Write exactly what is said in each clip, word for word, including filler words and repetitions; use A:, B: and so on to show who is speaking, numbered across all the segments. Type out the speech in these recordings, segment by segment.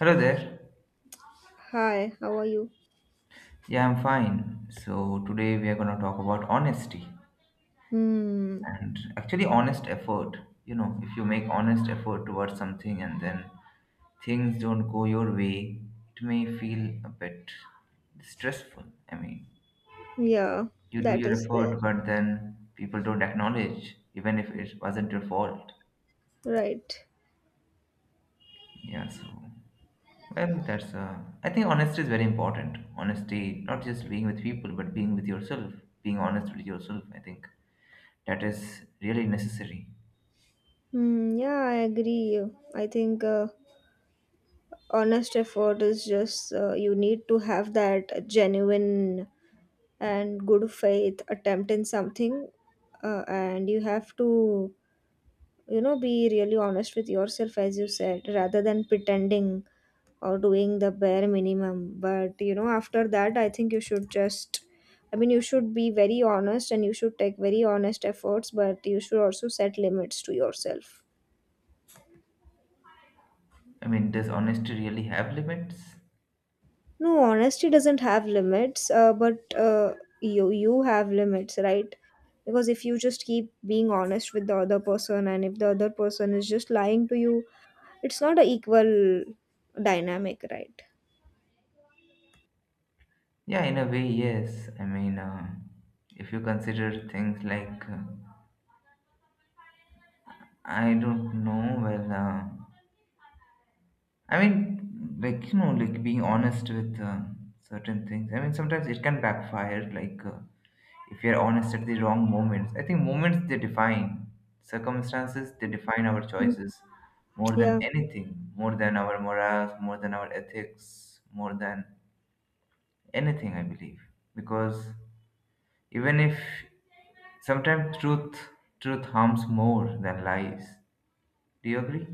A: Hello there.
B: Hi, how are you?
A: Yeah, I'm fine. So today we are going to talk about honesty
B: Hmm.
A: and actually honest effort. You know, if you make honest effort towards something and then things don't go your way, it may feel a bit stressful. I mean,
B: Yeah,
A: you do
B: that
A: your
B: is there.
A: effort, but then people don't acknowledge, even if it wasn't your fault.
B: Right.
A: Yeah, so well, that's uh, I think honesty is very important. Honesty, not just being with people, but being with yourself, being honest with yourself. I think that is really necessary.
B: Hmm. Yeah, I agree. I think uh, honest effort is just uh, you need to have that genuine and good faith attempt in something, uh, and you have to you know be really honest with yourself, as you said, rather than pretending or doing the bare minimum. But you know after that, I think you should just, I mean, you should be very honest and you should take very honest efforts, but you should also set limits to yourself.
A: I mean, does honesty really have limits?
B: No, honesty doesn't have limits, uh, but uh, you you have limits, right? Because if you just keep being honest with the other person, and if the other person is just lying to you, it's not an equal dynamic, right?
A: Yeah, in a way, yes. I mean, uh, if you consider things like uh, I don't know, well. Uh, I mean, like, you know, like being honest with um, certain things. I mean, sometimes it can backfire, like, uh, if you're honest at the wrong moments. I think moments they define, circumstances they define our
B: Mm.
A: choices more than
B: Yeah,
A: anything, more than our morals, more than our ethics, more than anything, I believe. Because even if sometimes truth truth harms more than lies. Do you agree?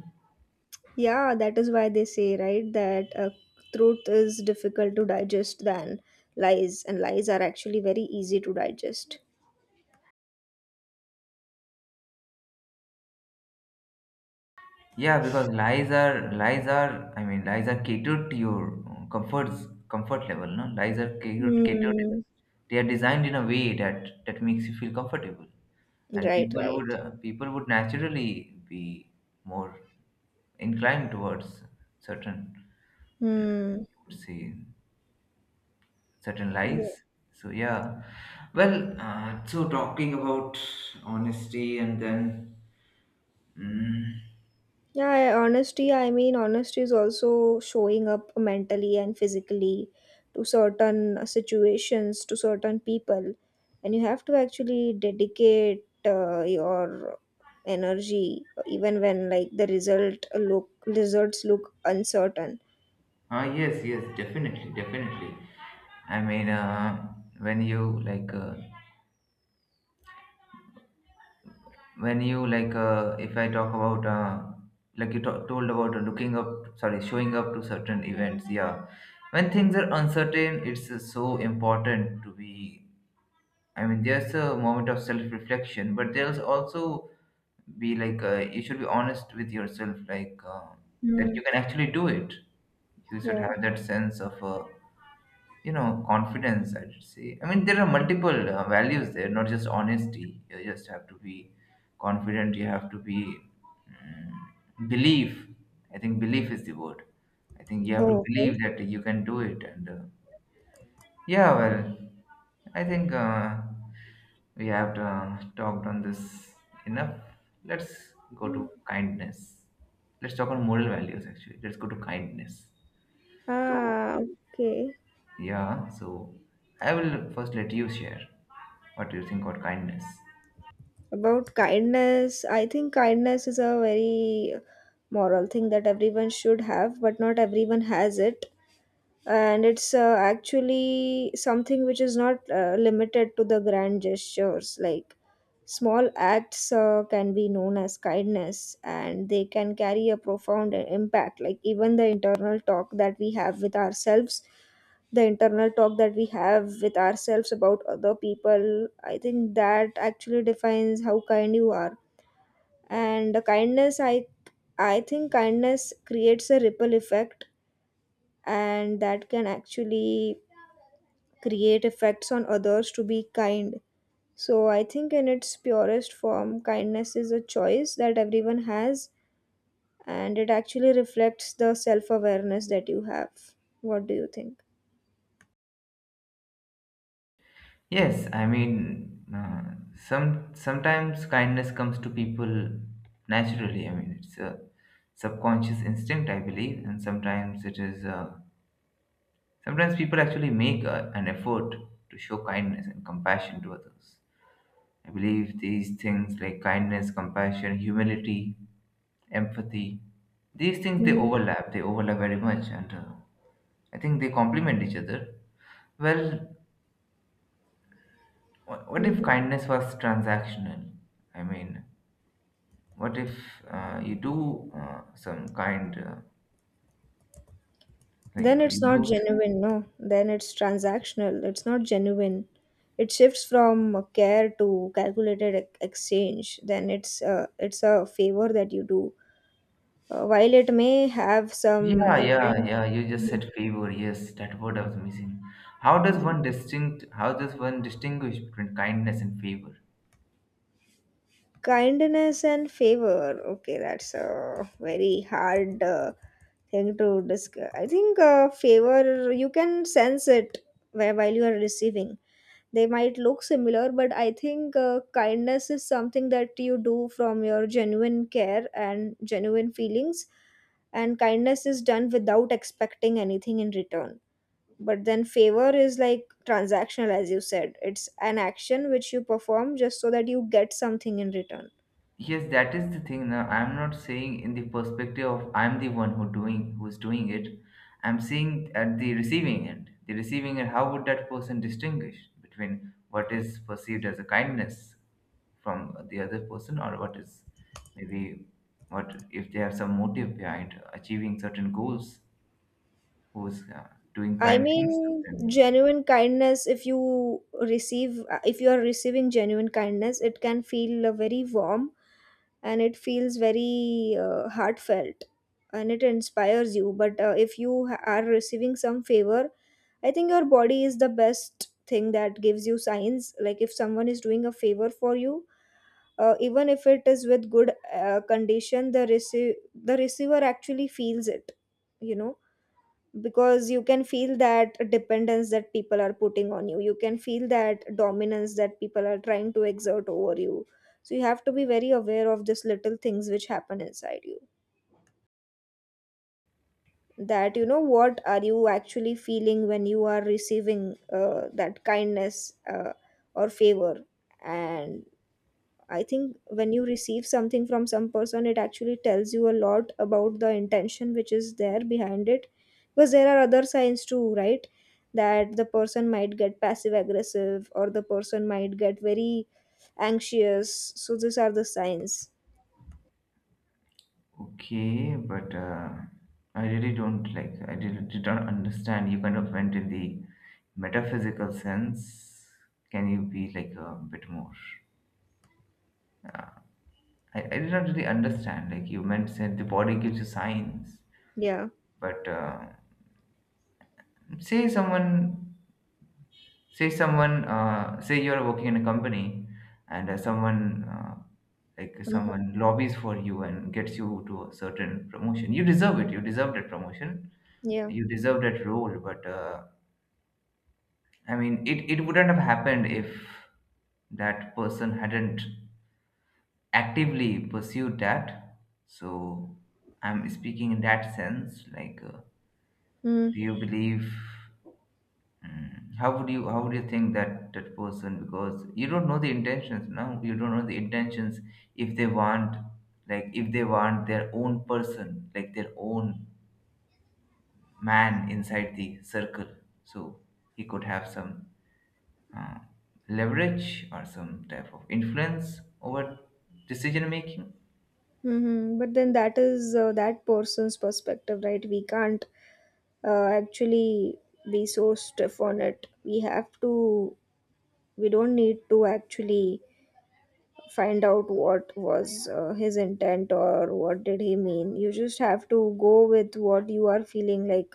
B: yeah, that is why they say, right, that uh, truth is difficult to digest than lies, and lies are actually very easy to digest.
A: Yeah, because lies are lies are I mean lies are catered to your uh, comforts comfort level, no? Lies are catered catered.
B: Hmm.
A: They are designed in a way that that makes you feel comfortable, and
B: Right,
A: people would
B: right.
A: uh, people would naturally be more inclined towards certain
B: Hmm.
A: would say certain lies.
B: Yeah.
A: So yeah, well, uh, so talking about honesty and then. Mm,
B: Yeah, I- honesty, I mean, honesty is also showing up mentally and physically to certain uh, situations, to certain people. And you have to actually dedicate uh, your energy even when, like, the result look results look uncertain.
A: ah, yes, yes, definitely, definitely. I mean, uh, when you like, uh, when you like, uh, if I talk about, uh, like you to- told about looking up, sorry, showing up to certain events, yeah. When things are uncertain, it's uh, so important to be. I mean, there's a moment of self-reflection, but there's also be like uh, you should be honest with yourself, like uh, that you
B: Mm.
A: can actually do it. You should
B: Yeah.
A: have that sense of uh, you know confidence I should say. I mean there are multiple uh, values there, not just honesty. You just have to be confident, you have to be, mm, believe. I think belief is the word. I think you have to
B: Oh, okay.
A: believe that you can do it and uh, yeah, well, i think uh, we have uh, talked on this enough. Let's go to kindness. Let's talk on moral values. Actually, let's go to kindness. So
B: Ah, okay.
A: yeah, so I will first let you share what you think about kindness.
B: About kindness, I think kindness is a very moral thing that everyone should have, but not everyone has it. And it's uh, actually something which is not uh, limited to the grand gestures. Like, small acts uh, can be known as kindness, and they can carry a profound uh, impact. Like, even the internal talk that we have with ourselves the internal talk that we have with ourselves about other people, I think, that actually defines how kind you are. And the kindness I I think kindness creates a ripple effect, and that can actually create effects on others to be kind. So I think in its purest form, kindness is a choice that everyone has, and it actually reflects the self awareness that you have. What do you think?
A: Yes, I mean, uh, some sometimes kindness comes to people naturally. I mean, it's a subconscious instinct, I believe, and sometimes it is. Uh, sometimes people actually make a, an effort to show kindness and compassion to others. I believe these things like kindness, compassion, humility, empathy, these things they overlap. They overlap very much, and uh, I think they complement each other. Well, wh- what if
B: Mm-hmm.
A: kindness was transactional? I mean, what if uh, you do uh, some kind, uh, like
B: Then
A: you
B: it's not
A: do, s-
B: genuine, no. Then it's transactional. It's not genuine. It shifts from a care to calculated ex- exchange. Then it's uh, it's a favor that you do. Uh, while it may have some
A: yeah, yeah,
B: intent,
A: yeah, you just said favor, yes, that word I was missing. How does
B: Mhm.
A: one distinct, how does one distinguish between kindness and favor?
B: Kindness and favor. Okay, that's a very hard uh, thing to discuss. I think uh, favor, you can sense it where, while you are receiving. They might look similar, but I think uh, kindness is something that you do from your genuine care and genuine feelings, and kindness is done without expecting anything in return. But then favor is like transactional, as you said. It's an action which you perform just so that you get something in return.
A: Yes, that is the thing. Now, I'm not saying in the perspective of I'm the one who doing who's doing it. I'm saying at the receiving end. The receiving end, how would that person distinguish between what is perceived as a kindness from the other person or what is maybe what if they have some motive behind achieving certain goals, who's uh, doing
B: I
A: kind things to
B: mean,
A: them?
B: genuine kindness, if you receive, uh, if you are receiving genuine kindness, it can feel uh, very warm, and it feels very uh, heartfelt, and it inspires you. But uh, if you ha- are receiving some favor, I think your body is the best thing that gives you signs. Like, if someone is doing a favor for you, uh, even if it is with good uh, condition, the, rece- the receiver actually feels it. you know because you can feel that dependence that people are putting on you. You can feel that dominance that people are trying to exert over you, so you have to be very aware of these little things which happen inside you, that you know what are you actually feeling when you are receiving uh, that kindness uh, or favor. And I think when you receive something from some person, it actually tells you a lot about the intention which is there behind it. Because there are other signs too, right? That the person might get passive aggressive, or the person might get very anxious. So these are the signs.
A: Okay, but uh, I really don't like. I really did not understand. You kind of went in the metaphysical sense. Can you be like a bit more? I, I did not really understand. Like you meant, said the body gives you signs,
B: Yeah.
A: but uh, say someone say someone uh, say you're working in a company and uh, someone uh, like
B: Hmm.
A: someone lobbies for you and gets you to a certain promotion. You deserve it, you deserve that promotion,
B: Yeah.
A: you deserve that role, but uh, I mean it, it wouldn't have happened if that person hadn't actively pursued that. So I'm speaking in that sense, like uh,
B: Mm-hmm.
A: do you believe, mm, How would you how would you think that that person? Because you don't know the intentions, no, you don't know the intentions if they want, like if they want their own person, like their own man inside the circle. So he could have some uh, leverage or some type of influence over decision making.
B: Mm-hmm. But then that is uh, that person's perspective, right? We can't uh, actually be so stiff on it. We have to, we don't need to actually find out what was uh, his intent or what did he mean. You just have to go with what you are feeling. Like,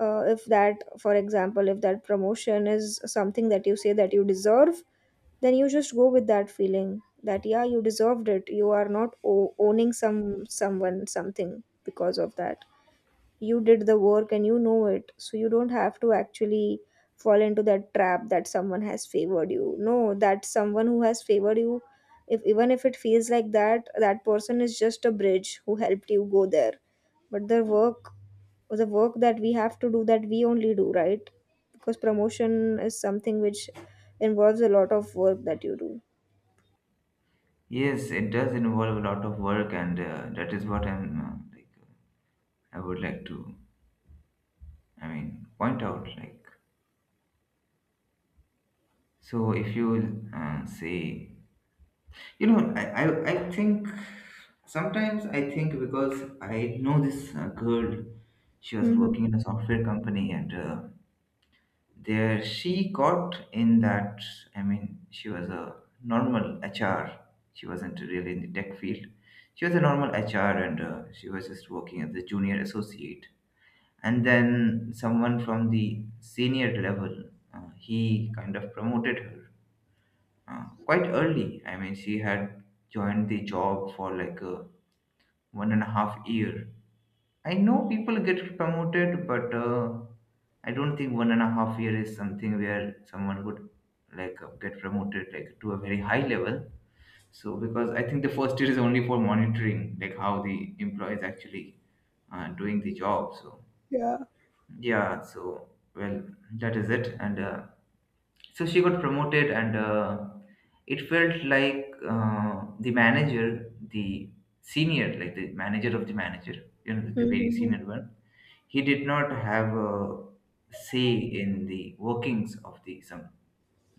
B: uh, if that for example, if that promotion is something that you say that you deserve, then you just go with that feeling that, yeah, you deserved it. You are not o- owning some someone something because of that. You did the work and you know it, so you don't have to actually fall into that trap that someone has favored you. No, that someone who has favored you, if even if it feels like that, that person is just a bridge who helped you go there. But the work the work that we have to do, that we only do, right? Because promotion is something which involves a lot of work that you do.
A: Yes, it does involve a lot of work, and uh, that is what I'm uh, like I would like to, I mean, point out. Like, so if you uh, say, you know, I, I, I think sometimes I think because I know this uh, girl, she was
B: Mhm.
A: working in a software company and uh, there she got in that, I mean, she was a normal H R. She wasn't really in the tech field. She was a normal H R and uh, she was just working as a junior associate. And then someone from the senior level, uh, he kind of promoted her uh, quite early. I mean, she had joined the job for like a one and a half year. I know people get promoted, but uh, I don't think one and a half year is something where someone would like uh, get promoted like to a very high level. So because I think the first year is only for monitoring like how the employee is actually uh, doing the job. So yeah, so well, that is it and. Uh, so she got promoted and uh, it felt like uh, the manager, the senior, like the manager of the manager, you know, the very
B: Mhm,
A: senior one, he did not have a say in the workings of the some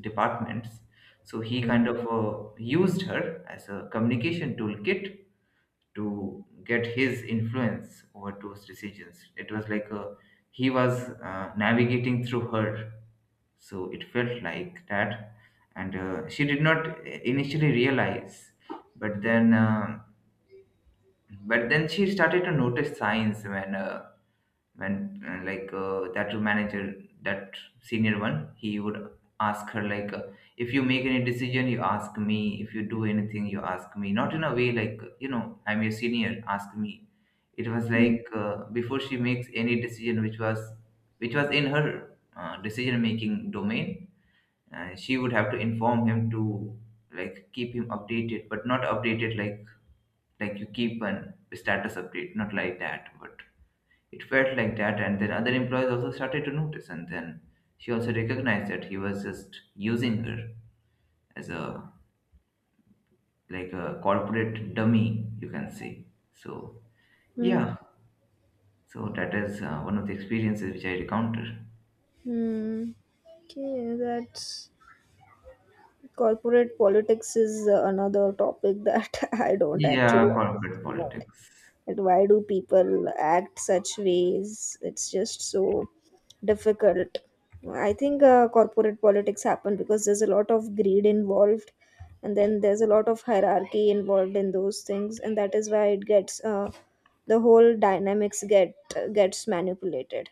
A: departments. So he
B: mhm,
A: kind
B: mhm,
A: of uh, used her as a communication toolkit to get his influence over those decisions. It was like a, he was uh, navigating through her. So it felt like that. And uh, she did not initially realize, but then uh, but then she started to notice signs when uh, when uh, like uh, that manager, that senior one, he would ask her like uh, if you make any decision you ask me, if you do anything you ask me, not in a way like you know I'm your senior ask me. It was
B: mhm,
A: like uh, before she makes any decision which was which was in her uh, decision making domain, uh, she would have to inform him, to like keep him updated, but not updated like like you keep an status update, not like that, but it felt like that. And then other employees also started to notice and then she also recognized that he was just using her as a like a corporate dummy you can say. So
B: mhm,
A: yeah, so that is uh, one of the experiences which I encountered.
B: mhm. Okay, that's— Corporate politics is uh, another topic that I don't actually
A: Yeah, corporate
B: understand.
A: politics.
B: And why do people act such ways? It's just so difficult. I think uh, corporate politics happen because there's a lot of greed involved, and then there's a lot of hierarchy involved in those things, and that is why it gets uh, the whole dynamics get gets manipulated.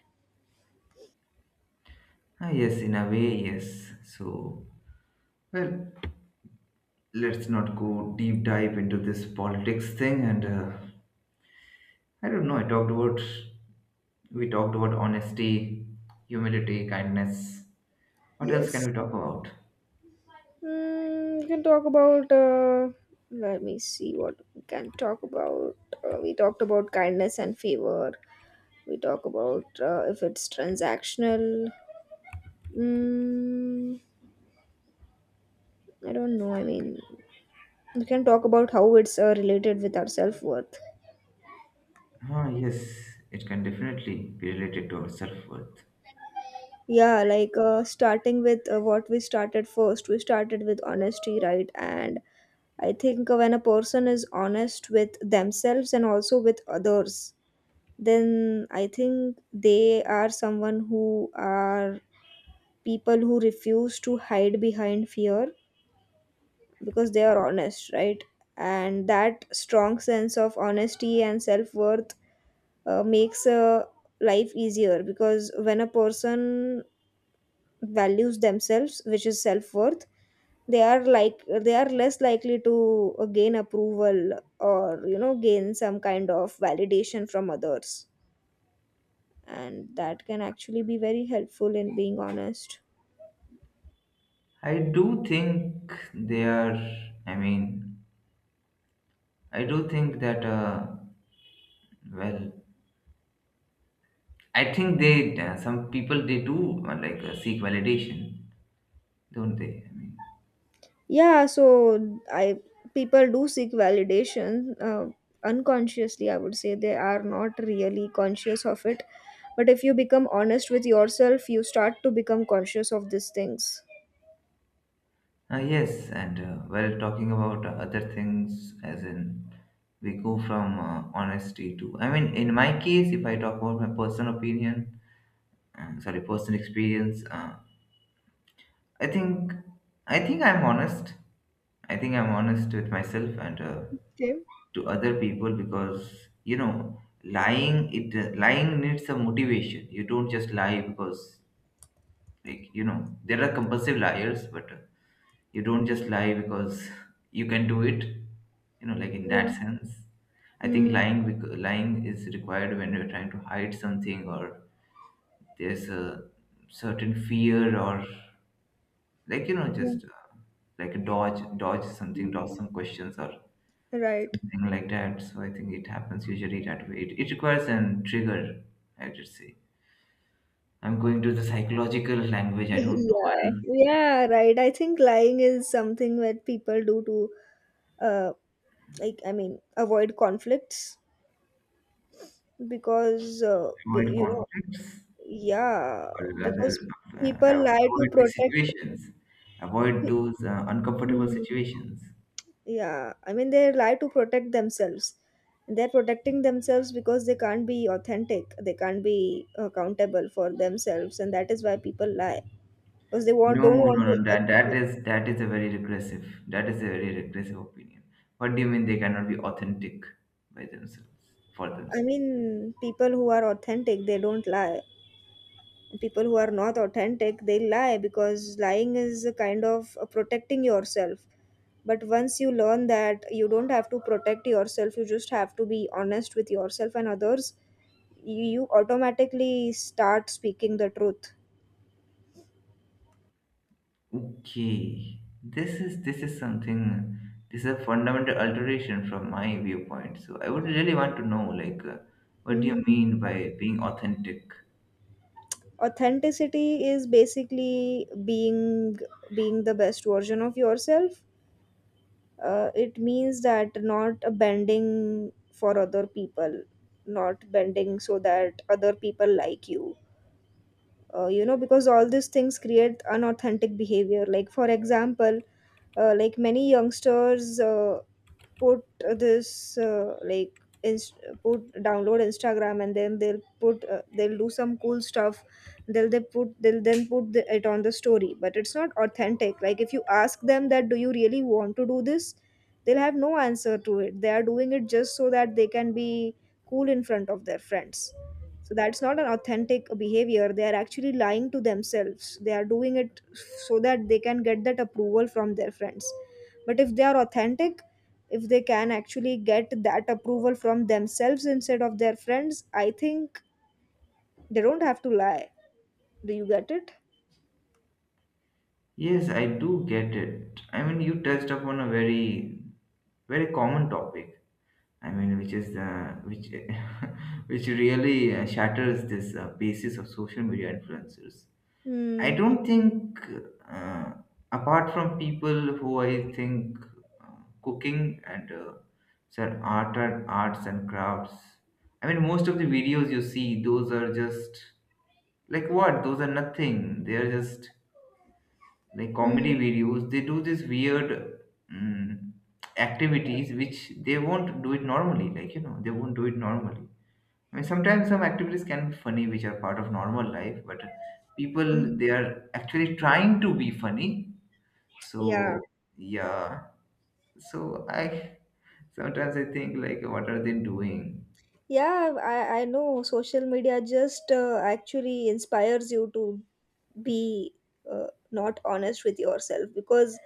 A: Ah, yes, in a way, yes. So well, let's not go deep dive into this politics thing and uh, I don't know, I talked about we talked about honesty, humility, kindness. What else can
B: Yes.
A: we talk about?
B: Mm, we can talk about. Uh, let me see what we can talk about. Uh, we talked about kindness and favor. We talk about uh, if it's transactional. Mm, I don't know. I mean, we can talk about how it's uh, related with our self worth.
A: Ah yes, it can definitely be related to our self-worth.
B: Yeah, like, uh, starting with uh, what we started first. We started with honesty, right? And I think when a person is honest with themselves and also with others, then I think they are someone who are people who refuse to hide behind fear, because they are honest, right? And that strong sense of honesty and self worth uh, makes a life easier, because when a person values themselves, which is self worth, they are like they are less likely to uh, gain approval or you know gain some kind of validation from others. And that can actually be very helpful in being honest.
A: I do think they are, I mean, I do think that uh, well I think they, uh, some people they do, uh, like uh, seek validation, don't they, I mean.
B: Yeah, so, I people do seek validation uh, unconsciously, I would say. They are not really conscious of it, but if you become honest with yourself, you start to become conscious of these things.
A: Uh, yes, and uh, while talking about uh, other things, as in we go from uh, honesty to, I mean, in my case, if I talk about my personal opinion, uh, sorry, personal experience, uh, I think, I think I'm honest. I think I'm honest with myself and uh,
B: Okay.
A: to other people. Because you know, lying it uh, lying needs some motivation. You don't just lie because, like you know there are compulsive liars, but uh, you don't just lie because you can do it, you know, like in
B: Yeah.
A: that sense. I think
B: Hmm.
A: lying bec- lying is required when you're trying to hide something, or there's a certain fear, or like you know
B: Yeah.
A: just uh, like a dodge dodge something, dodge some questions, or
B: Right.
A: something like that. So I think it happens usually that way. It, it requires an trigger, I would say. I'm going to the psychological language, I don't know why.
B: Yeah, yeah, right, I think lying is something that people do to, uh like, I mean, avoid conflicts, because uh, b-
A: Avoid
B: you know.
A: conflicts,
B: Yeah,
A: or
B: because
A: rather, uh,
B: people lie to
A: avoid the
B: protect.
A: situations, avoid those uh, uncomfortable
B: Hmm.
A: situations.
B: Yeah, I mean, they lie to protect themselves. They're protecting themselves because they can't be authentic, they can't be accountable for themselves, and that is why people lie, because they want
A: No,
B: don't
A: no,
B: want to
A: no. That that
B: accept.
A: is that is a very regressive. That is a very regressive opinion. What do you mean they cannot be authentic by themselves for
B: I
A: themselves?
B: mean, people who are authentic, they don't lie. People who are not authentic, they lie, because lying is a kind of uh, protecting yourself. But once you learn that you don't have to protect yourself, you just have to be honest with yourself and others, you, you automatically start speaking the truth.
A: Okay, this is this is something. This is a fundamental alteration from my viewpoint. So I would really want to know, like, uh, what do you
B: Hmm.
A: mean by being authentic?
B: Authenticity is basically being being the best version of yourself. Uh, it means that, not bending for other people, not bending so that other people like you. Uh, you know Because all these things create unauthentic behavior. Like, for example, uh, like many youngsters, uh, put this, uh, like, inst- put— download Instagram, and then they'll put uh, they'll do some cool stuff. They'll they put they'll then put the, it on the story. But it's not authentic. Like, if you ask them that, do you really want to do this? They'll have no answer to it. They are doing it just so that they can be cool in front of their friends. So that's not an authentic behavior. They are actually lying to themselves. They are doing it so that they can get that approval from their friends. But if they are authentic, if they can actually get that approval from themselves instead of their friends, I think they don't have to lie. Do you get it?
A: Yes, I do get it. I mean, you touched upon a very, very common topic. I mean, which is the which, which really uh, shatters this uh, basis of social media influencers. I
B: Hmm.
A: don't think, uh, apart from people who I think uh, cooking and uh, sir art and arts and crafts. I mean, most of the videos you see, those are just like what? Those are nothing. They are just like
B: Hmm.
A: comedy videos they do this weird um, activities which they won't do it normally, like you know they won't do it normally. I mean, sometimes some activities can be funny which are part of normal life, but people,
B: Hmm.
A: they are actually trying to be funny, so
B: Yeah.
A: yeah. So i sometimes I think like what are they doing.
B: Yeah, I, I know social media just uh, actually inspires you to be uh, not honest with yourself, because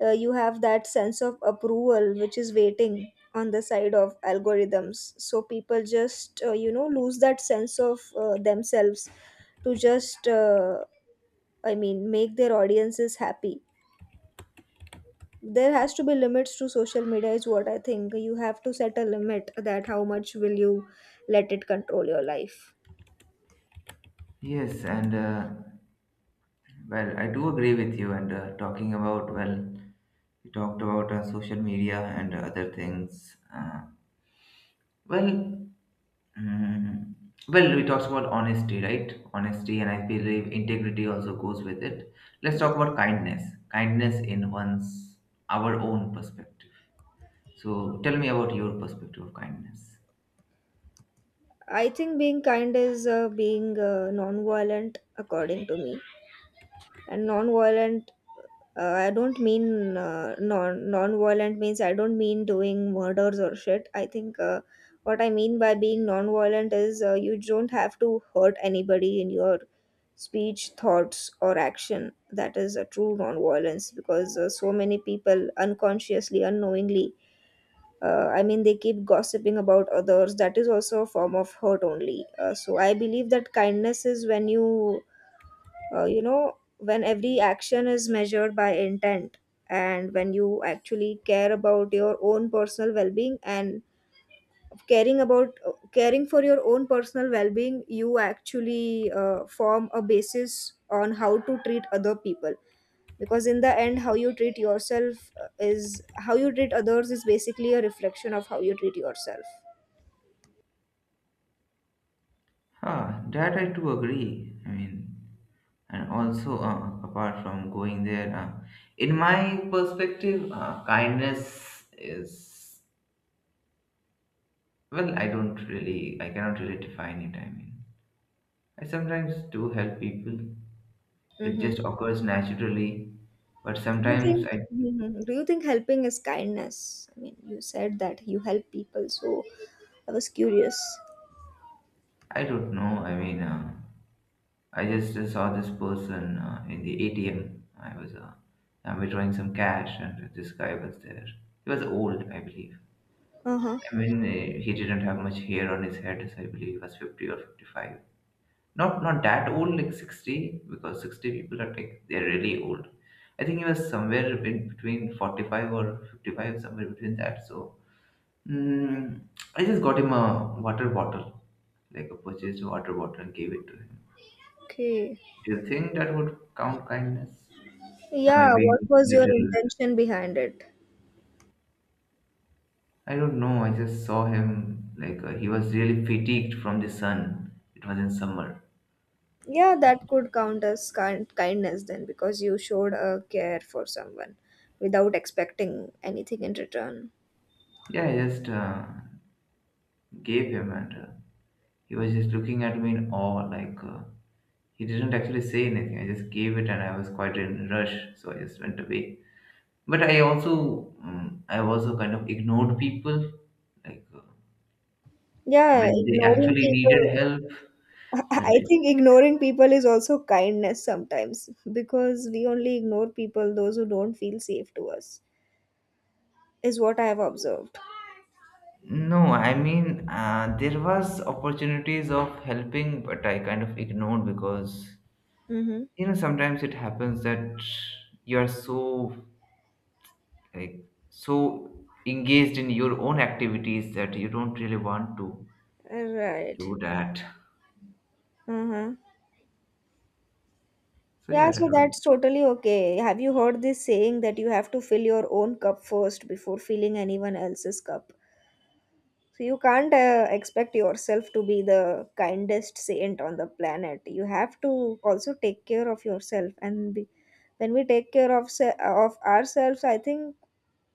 B: uh, you have that sense of approval which is waiting on the side of algorithms. So people just, uh, you know, lose that sense of uh, themselves to just, uh, I mean, make their audiences happy. There has to be limits to social media, is what I think. You have to set a limit that how much will you let it control your life.
A: Yes, and uh, well, I do agree with you, and uh, talking about, well, you talked about uh, social media and other things, uh, Well, mm, well, we talked about honesty, right? Honesty, and I believe integrity also goes with it. Let's
B: Yeah,
A: talk about kindness. Kindness in one's our own perspective. So, tell me about your perspective of kindness.
B: I think being kind is uh, being uh, non-violent, according to me. And non-violent, uh, I don't mean uh, non non-violent means, I don't mean doing murders or shit. I think uh, what I mean by being non-violent is uh, you don't have to hurt anybody in your speech, thoughts, or action. That is a true non-violence because uh, so many people unconsciously, unknowingly uh, i mean they keep gossiping about others. That is also a form of hurt only. Uh, so I believe that kindness is when you uh, you know when every action is measured by intent, and when you actually care about your own personal well-being, and caring about uh, caring for your own personal well-being, you actually uh, form a basis on how to treat other people. Because in the end, how you treat yourself uh, is how you treat others is basically a reflection of how you treat yourself.
A: Ah, that I too agree. I mean, and also uh, apart from going there, uh, in my perspective, uh, kindness is, well. I don't really, I cannot really define it. I mean, I sometimes do help people. It
B: Mm-hmm.
A: just occurs naturally. But
B: You think,
A: sometimes I,
B: hmm do you think helping is kindness? I mean, you said that you help people, so I was curious.
A: I don't know. I mean, uh, I just uh, saw this person uh, in the A T M. I was uh, I withdrawing some cash, and this guy was there. He was old, I believe.
B: Uh-huh.
A: I mean, uh, he didn't have much hair on his head, so I believe he was fifty or fifty-five. Not not that old, like sixty, because sixty people are like they're really old. I think he was somewhere in between forty-five or fifty-five, somewhere between that. So, Mm, I just got him a water bottle, like a purchased water bottle, and gave it to him.
B: Okay.
A: Do you think that would count kindness? Am I
B: Yeah, what
A: being
B: was your
A: little?
B: intention behind it?
A: I don't know. I just saw him, like uh, he was really fatigued from the sun. It was in summer.
B: Yeah, that
A: And
B: could count as kind- kindness, then, because you showed a care for someone without expecting anything in return.
A: yeah, I just uh, gave him, and uh, he was just looking at me in awe. Like uh, he didn't actually say anything. I just gave it, and I was quite in rush, so I just went away. But I also, mm, I also kind of ignored people, like uh,
B: Yeah,
A: when they
B: ignoring
A: actually needed
B: people.
A: help. When
B: I
A: they
B: think ignoring people is also kindness sometimes, because we only ignore people, those who don't feel safe to us, is what I have observed.
A: No, I mean, uh, there was opportunities of helping, but I kind of ignored because,
B: Mm-hmm.
A: you know, sometimes it happens that you are so, like so engaged in your own activities that you don't really want to
B: Right.
A: do that.
B: Uh-huh.
A: So yeah,
B: Yeah,
A: that
B: so
A: was.
B: that's totally okay. Have you heard this saying that you have to fill your own cup first before filling anyone else's cup? So you can't uh, expect yourself to be the kindest saint on the planet. You have to also take care of yourself, and be, when we take care of se- of ourselves, I think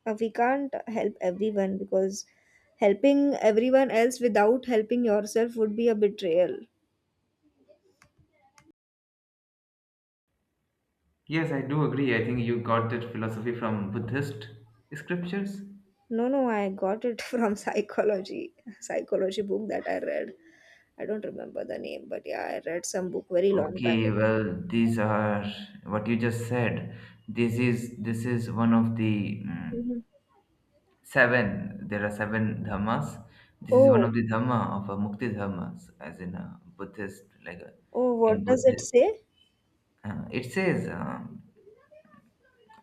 B: uh, we can't help everyone, because helping everyone else without helping yourself would be a betrayal.
A: Yes, I do agree. I think you got that philosophy from Buddhist scriptures.
B: No, no, I got it from psychology psychology book that I read. I don't remember the name, but yeah, I read some book very long back.
A: Okay, well, these are what you just said. This is this is one of the mm,
B: Mhm.
A: seven. There are seven dhammas. This is one of
B: Oh,
A: the dhamma of a mukti dhammas, as in a Buddhist, like a,
B: oh,
A: in
B: what does it
A: Buddhist.
B: say?
A: Uh, it says um,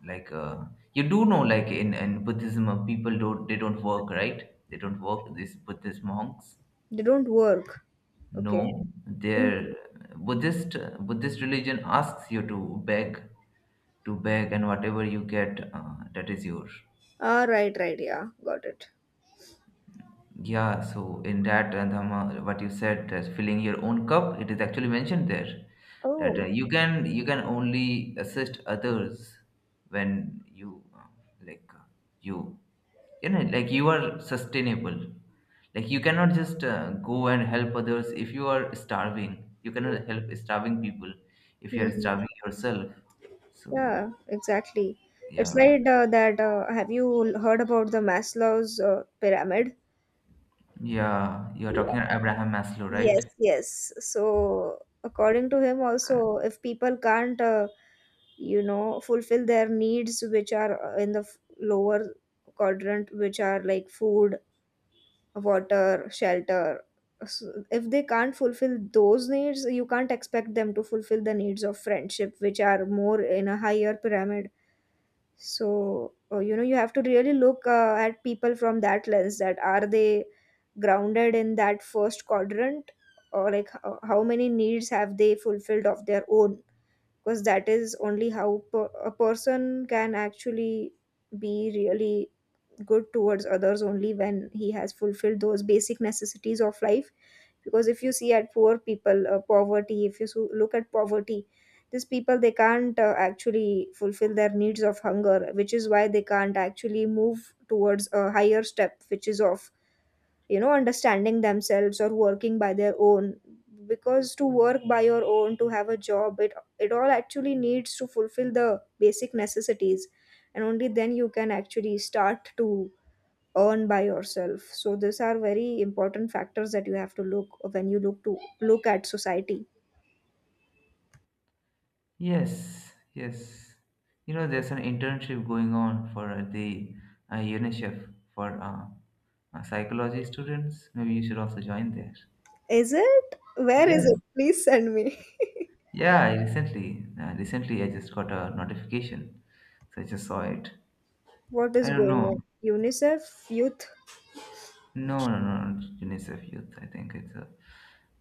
A: like uh, you do know, like in in Buddhism, uh, people don't, they don't work, right? They don't work. These Buddhist monks.
B: They don't work. Okay.
A: No, their Buddhist Buddhist religion asks you to beg, to beg, and whatever you get, uh, that is yours.
B: Ah, right, right. Yeah, got it.
A: Yeah, so in that uh, Dhamma, what you said, that filling your own cup, it is actually mentioned there that uh,
B: Oh,
A: you can you can only assist others when you uh, like uh, you, you know, like you are sustainable, like you cannot just uh, go and help others. If you are starving, you cannot help starving people if you are
B: hmm.
A: starving yourself. So
B: Yeah, exactly. It's
A: yeah.
B: like uh, that. Uh, have you heard about the Maslow's uh, pyramid?
A: Yeah, you are talking
B: Yeah.
A: about Abraham Maslow,
B: Yes,
A: right?
B: yes. So according to him
A: Uh,
B: also, if people can't, uh, you know, fulfill their needs, which are uh, in the f- lower quadrant, which are like food, water, shelter. So if they can't fulfill those needs, you can't expect them to fulfill the needs of friendship, which are more in a higher pyramid. So, uh, you know, you have to really look uh, at people from that lens, that are they grounded in that first quadrant, or like h- how many needs have they fulfilled of their own? Because that is only how per- a person can actually be really good towards others, only when he has fulfilled those basic necessities of life. Because if you see at poor people, uh, poverty, if you so- look at poverty, these people, they can't uh, actually fulfill their needs of hunger, which is why they can't actually move towards a higher step, which is of, you know, understanding themselves or working by their own. Because to work by your own, to have a job, it it all actually needs to fulfill the basic necessities, and only then you can actually start to earn by yourself. So these are very important factors that you have to look when you look to look at society.
A: yes, yes, you know, there's an internship going on for uh, the uh, UNICEF for uh, uh, psychology students. Maybe you should also join there.
B: Is it? Where is it?
A: Yes.
B: Please send me.
A: Yeah, I recently, uh, recently I just got a notification, so I just saw it.
B: What
A: I
B: is
A: don't
B: going on?
A: know.
B: UNICEF youth.
A: No, no, no, no, it's UNICEF Youth. I think it's a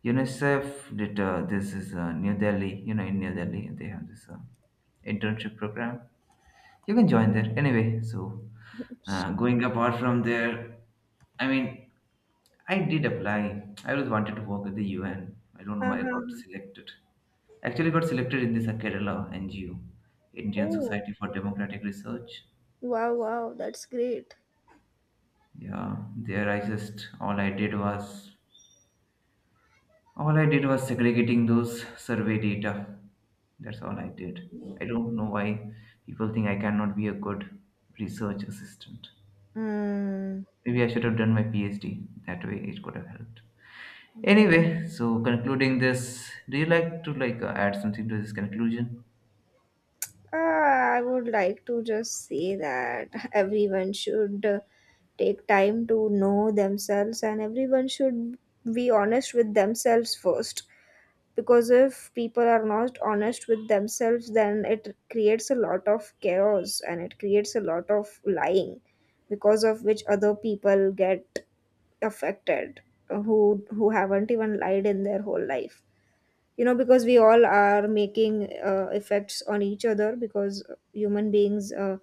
A: UNICEF did uh, this is uh, New Delhi. You know, in New Delhi they have this uh, internship program. You can join there anyway. So uh, going apart from there, I mean, I did apply. I always wanted to work at the U N. I don't know why I got
B: Uh-huh.
A: selected. Actually, got selected in this uh, Kerala N G O, Indian
B: Oh,
A: Society for Democratic Research.
B: wow, wow, that's great.
A: Yeah, there I just, all I did was all I did was segregating those survey data. That's all I did. I don't know why people think I cannot be a good research assistant.
B: Mm.
A: Maybe I should have done my PhD. That way it could have helped. Anyway, so concluding this, do you like to, like uh, add something to this conclusion?
B: Ah, I would like to just say that everyone should uh, take time to know themselves, and everyone should be honest with themselves first. Because if people are not honest with themselves, then it creates a lot of chaos, and it creates a lot of lying, because of which other people get affected, uh, who who haven't even lied in their whole life, you know. Because we all are making uh, effects on each other, because human beings uh,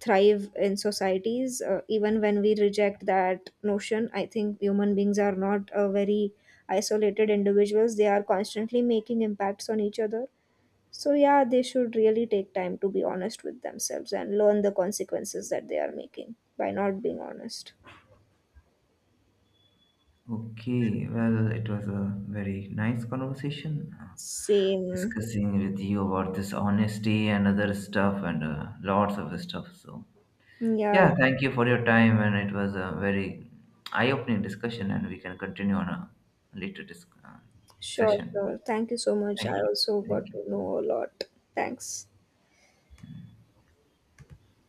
B: thrive in societies, uh, even when we reject that notion. I think human beings are not uh, very isolated individuals. They are constantly making impacts on each other. So yeah, they should really take time to be honest with themselves and learn the consequences that they are making by not being honest.
A: Okay, well, it was a very nice conversation uh,
B: Same.
A: discussing with you about this honesty and other stuff and uh, lots of stuff. So
B: Yeah.
A: yeah, thank you for your time, and it was a very eye-opening discussion, and we can continue on a later dis- uh,
B: Sure,
A: session.
B: sure, thank you so much, I
A: Thank you.
B: also got
A: Thank
B: to
A: you.
B: know a lot. Thanks.